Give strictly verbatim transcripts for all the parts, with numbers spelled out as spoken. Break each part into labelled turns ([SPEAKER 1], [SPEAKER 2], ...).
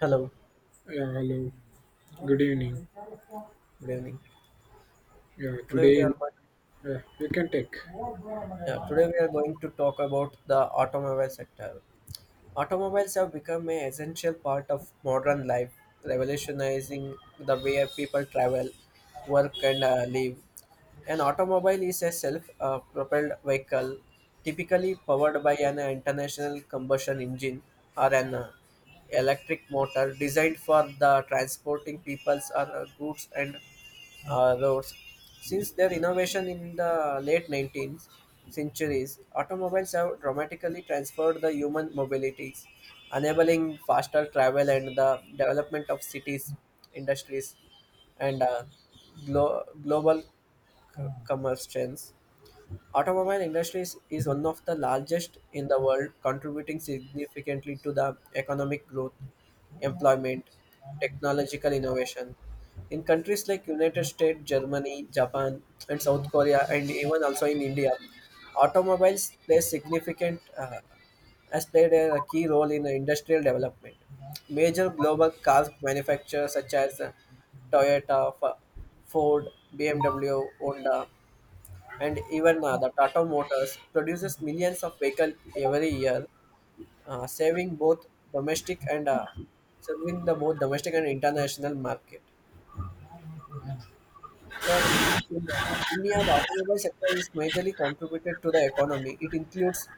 [SPEAKER 1] Hello,
[SPEAKER 2] Yeah, hello. Good evening.
[SPEAKER 1] good evening.
[SPEAKER 2] Yeah,
[SPEAKER 1] Today we
[SPEAKER 2] today
[SPEAKER 1] are going,
[SPEAKER 2] yeah, we can take.
[SPEAKER 1] yeah, today we are going to talk about the automobile sector. Automobiles have become an essential part of modern life, revolutionizing the way people travel, work, and uh, live. An automobile is a self uh, propelled vehicle, typically powered by an internal combustion engine or an uh, electric motor designed for the transporting peoples or uh, goods and uh, roads. Since their innovation in the late nineteenth centuries, automobiles have dramatically transformed the human mobilities, enabling faster travel and the development of cities, industries, and uh, glo- global c- commerce trends. Automobile industry is, one of the largest in the world, contributing significantly to the economic growth, employment, technological innovation. In countries like United States, Germany, Japan, and South Korea, and even also in India, automobiles play significant uh, has played a key role in the industrial development. Major global car manufacturers such as uh, Toyota, F- Ford, B M W, Honda, and even uh, the Tata Motors produces millions of vehicles every year, uh, saving both domestic and uh, serving the both domestic and international market. Where in the- India, the automobile sector is majorly contributed to the economy. It includes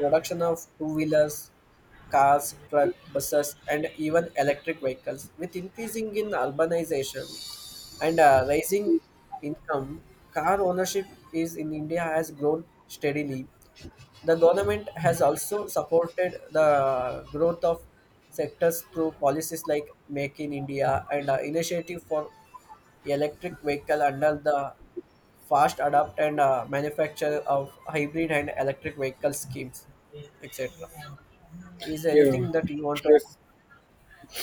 [SPEAKER 1] production of two wheelers, cars, truck, buses, and even electric vehicles. With increasing in urbanization and uh, rising income, car ownership is in India has grown steadily. The government has also supported the growth of sectors through policies like Make in India and uh, initiative for electric vehicle under the fast Adapt and uh, manufacture of hybrid and electric vehicle schemes, etc. Is
[SPEAKER 2] Yeah,
[SPEAKER 1] anything that you want to?
[SPEAKER 2] yes.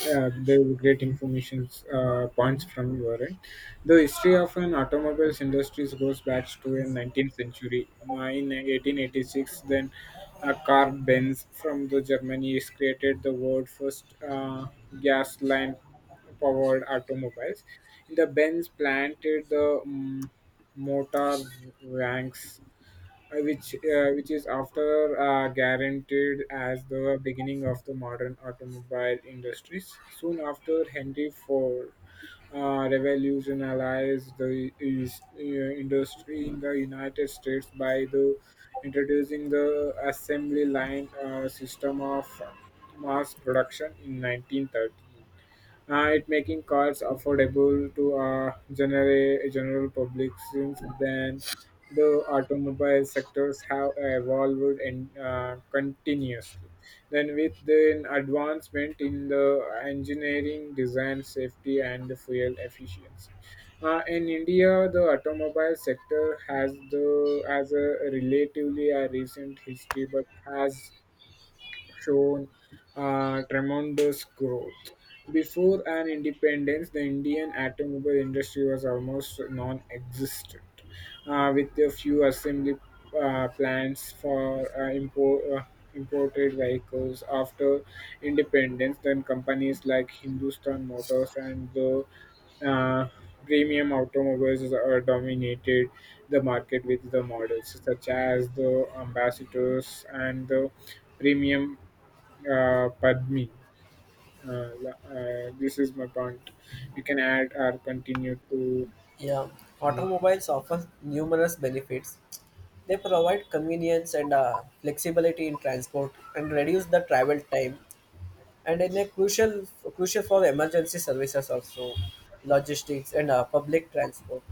[SPEAKER 2] Yeah, there were great information uh, points from your end. The history of an automobiles industries goes back to the nineteenth century. In eighteen eighty-six, then a car Benz from the Germany is created the world first uh, gas lamp powered automobiles. In the Benz planted the mm, motor ranks uh, which uh, which is after uh, guaranteed as the beginning of the modern automobile industries. Soon after, Henry Ford uh, revolutionized the is- uh, industry in the United States by the introducing the assembly line uh, system of mass production in nineteen thirty, uh, it making cars affordable to uh, general general public. Since then, the automobile sectors have evolved and uh, continuously then with the advancement in the engineering design safety and the fuel efficiency. Uh, in India, the automobile sector has the as a relatively a recent history, but has shown uh, tremendous growth. Before an independence, the Indian automobile industry was almost non-existent, uh, with a few assembly uh, plants for uh, import. Uh, imported vehicles after independence, then companies like Hindustan Motors and the uh, premium automobiles are dominated the market with the models such as the Ambassadors and the premium uh, Padmi. Uh, la- uh, this is my point. You can add or continue to
[SPEAKER 1] Yeah,
[SPEAKER 2] some more.
[SPEAKER 1] automobiles offer numerous benefits. They provide convenience and uh, flexibility in transport and reduce the travel time and in a crucial crucial for emergency services also, logistics, and uh, public transport.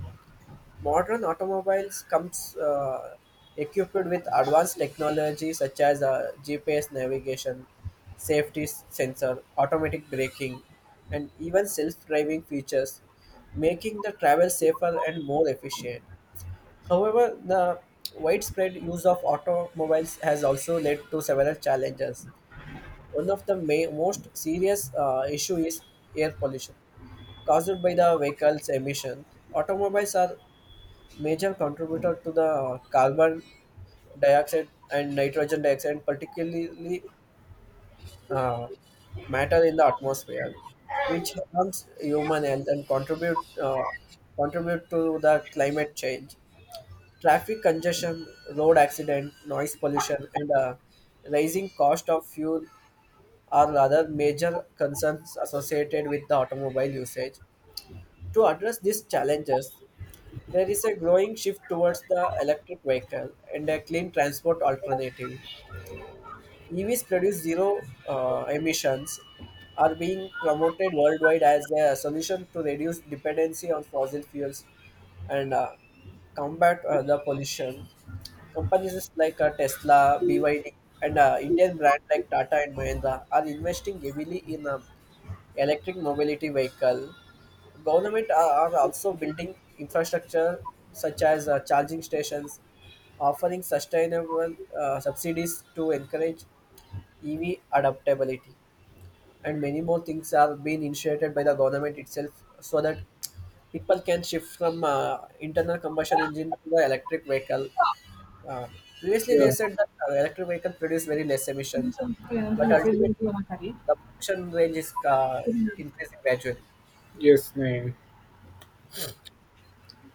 [SPEAKER 1] Modern automobiles comes uh, equipped with advanced technology such as uh, G P S navigation, safety s- sensor, automatic braking, and even self-driving features, making the travel safer and more efficient. However, the widespread use of automobiles has also led to several challenges. One of the ma- most serious uh, issue is air pollution caused by the vehicle's emission. Automobiles are major contributor to the uh, carbon dioxide and nitrogen dioxide, particularly uh, matter in the atmosphere, which harms human health and contribute uh, contribute to the climate change. Traffic congestion, road accident, noise pollution, and uh, rising cost of fuel are other major concerns associated with the automobile usage. To address these challenges, there is a growing shift towards the electric vehicle and a clean transport alternative. E Vs produce zero uh, emissions, are being promoted worldwide as a solution to reduce dependency on fossil fuels and uh, combat uh, the pollution. Companies like uh, Tesla, B Y D, and uh, Indian brand like Tata and Mahindra are investing heavily in uh, electric mobility vehicle. Government are, are also building infrastructure such as uh, charging stations, offering sustainable uh, subsidies to encourage E V adaptability, and many more things are being initiated by the government itself so that people can shift from uh, internal combustion engine to the electric vehicle. uh, Previously they
[SPEAKER 2] Yeah,
[SPEAKER 1] said that uh, electric vehicle produce very less emission, but
[SPEAKER 2] another message.
[SPEAKER 1] ultimately the production range is uh, increasing gradually.
[SPEAKER 2] Yes, Nayan.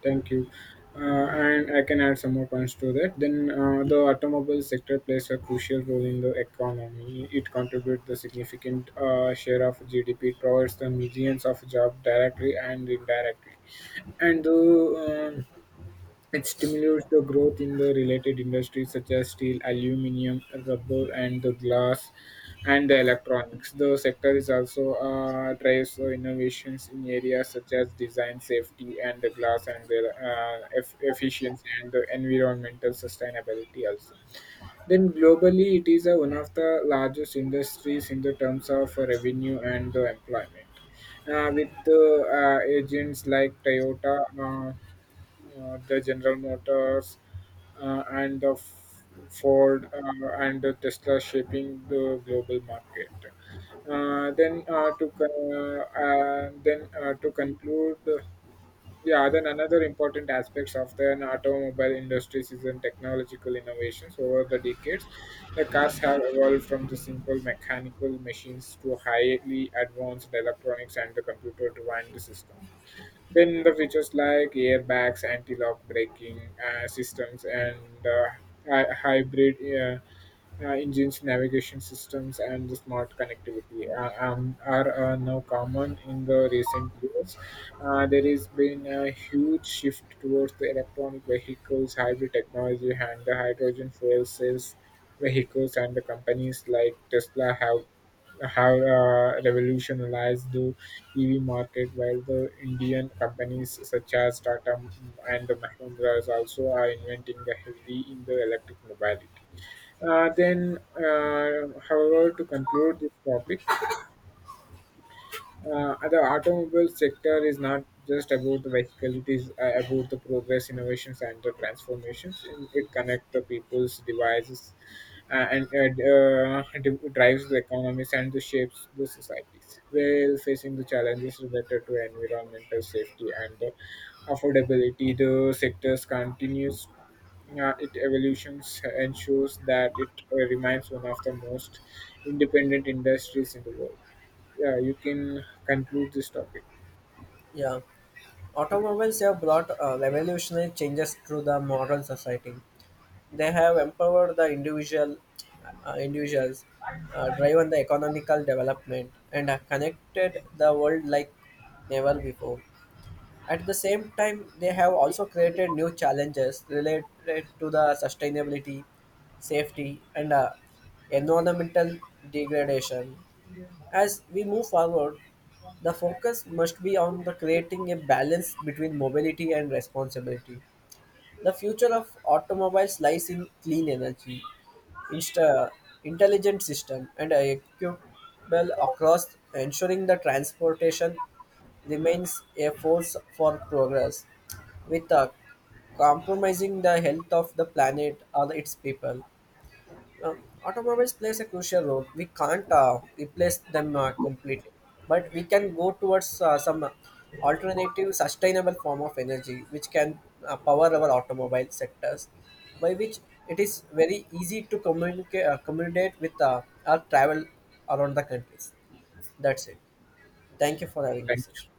[SPEAKER 2] Thank you. Uh, and I can add some more points to that. Then uh, the automobile sector plays a crucial role in the economy. It contributes the significant uh, share of G D P. It provides the millions of jobs directly and indirectly. And the It stimulates the growth in the related industries such as steel, aluminum, rubber, and the glass and the electronics. The sector is also uh, drives the innovations in areas such as design, safety, and the glass and the uh, eff- efficiency and the environmental sustainability also. Then globally, it is uh, one of the largest industries in the terms of uh, revenue and the employment. Uh, with the uh, agents like Toyota, Uh, uh, the General Motors uh, and the F- Ford uh, and the Tesla shaping the global market. Uh, then uh, to con- uh, uh, then uh, To conclude, yeah. Then another important aspects of the automobile industry is in technological innovations over the decades. The cars have evolved from the simple mechanical machines to highly advanced electronics and the computer-defined system, then the features like airbags, anti-lock braking uh, systems, and uh, hy- hybrid uh, uh, engines, navigation systems, and the smart connectivity uh, um, are uh, now common in the recent years. Uh, there has been a huge shift towards the electronic vehicles, hybrid technology, and the hydrogen fuel cells vehicles, and the companies like Tesla have have uh, revolutionized the E V market, while the Indian companies such as Tata and the Mahindras also are inventing the heavily in the electric mobility. Uh, then, uh, however, to conclude this topic, uh, uh, the automobile sector is not just about the vehicle; it is uh, about the progress, innovations, and the transformations. And it connects the people's devices, uh, and uh, d- drives the economies and the shapes the societies. While facing the challenges related to environmental safety and the affordability, the sectors continues. Uh, it evolutions uh, ensures that it uh, remains one of the most independent industries in the world. Yeah, you can conclude this topic.
[SPEAKER 1] Yeah, automobiles have brought uh, revolutionary changes to the modern society. They have empowered the individual uh, individuals, uh, driven the economical development, and have connected the world like never before. At the same time, they have also created new challenges related to the sustainability, safety, and uh, environmental degradation. As we move forward, the focus must be on the creating a balance between mobility and responsibility. The future of automobiles lies in clean energy, insta- intelligent system, and equitable across, ensuring the transportation remains a force for progress, without compromising the health of the planet or its people. uh, Automobiles plays a crucial role. We can't uh, replace them uh, completely, but we can go towards uh, some alternative, sustainable form of energy which can uh, power our automobile sectors, by which it is very easy to communicate uh, communicate with uh, our travel around the countries. That's it. Thank you for having this
[SPEAKER 2] Thank you.
[SPEAKER 1] session.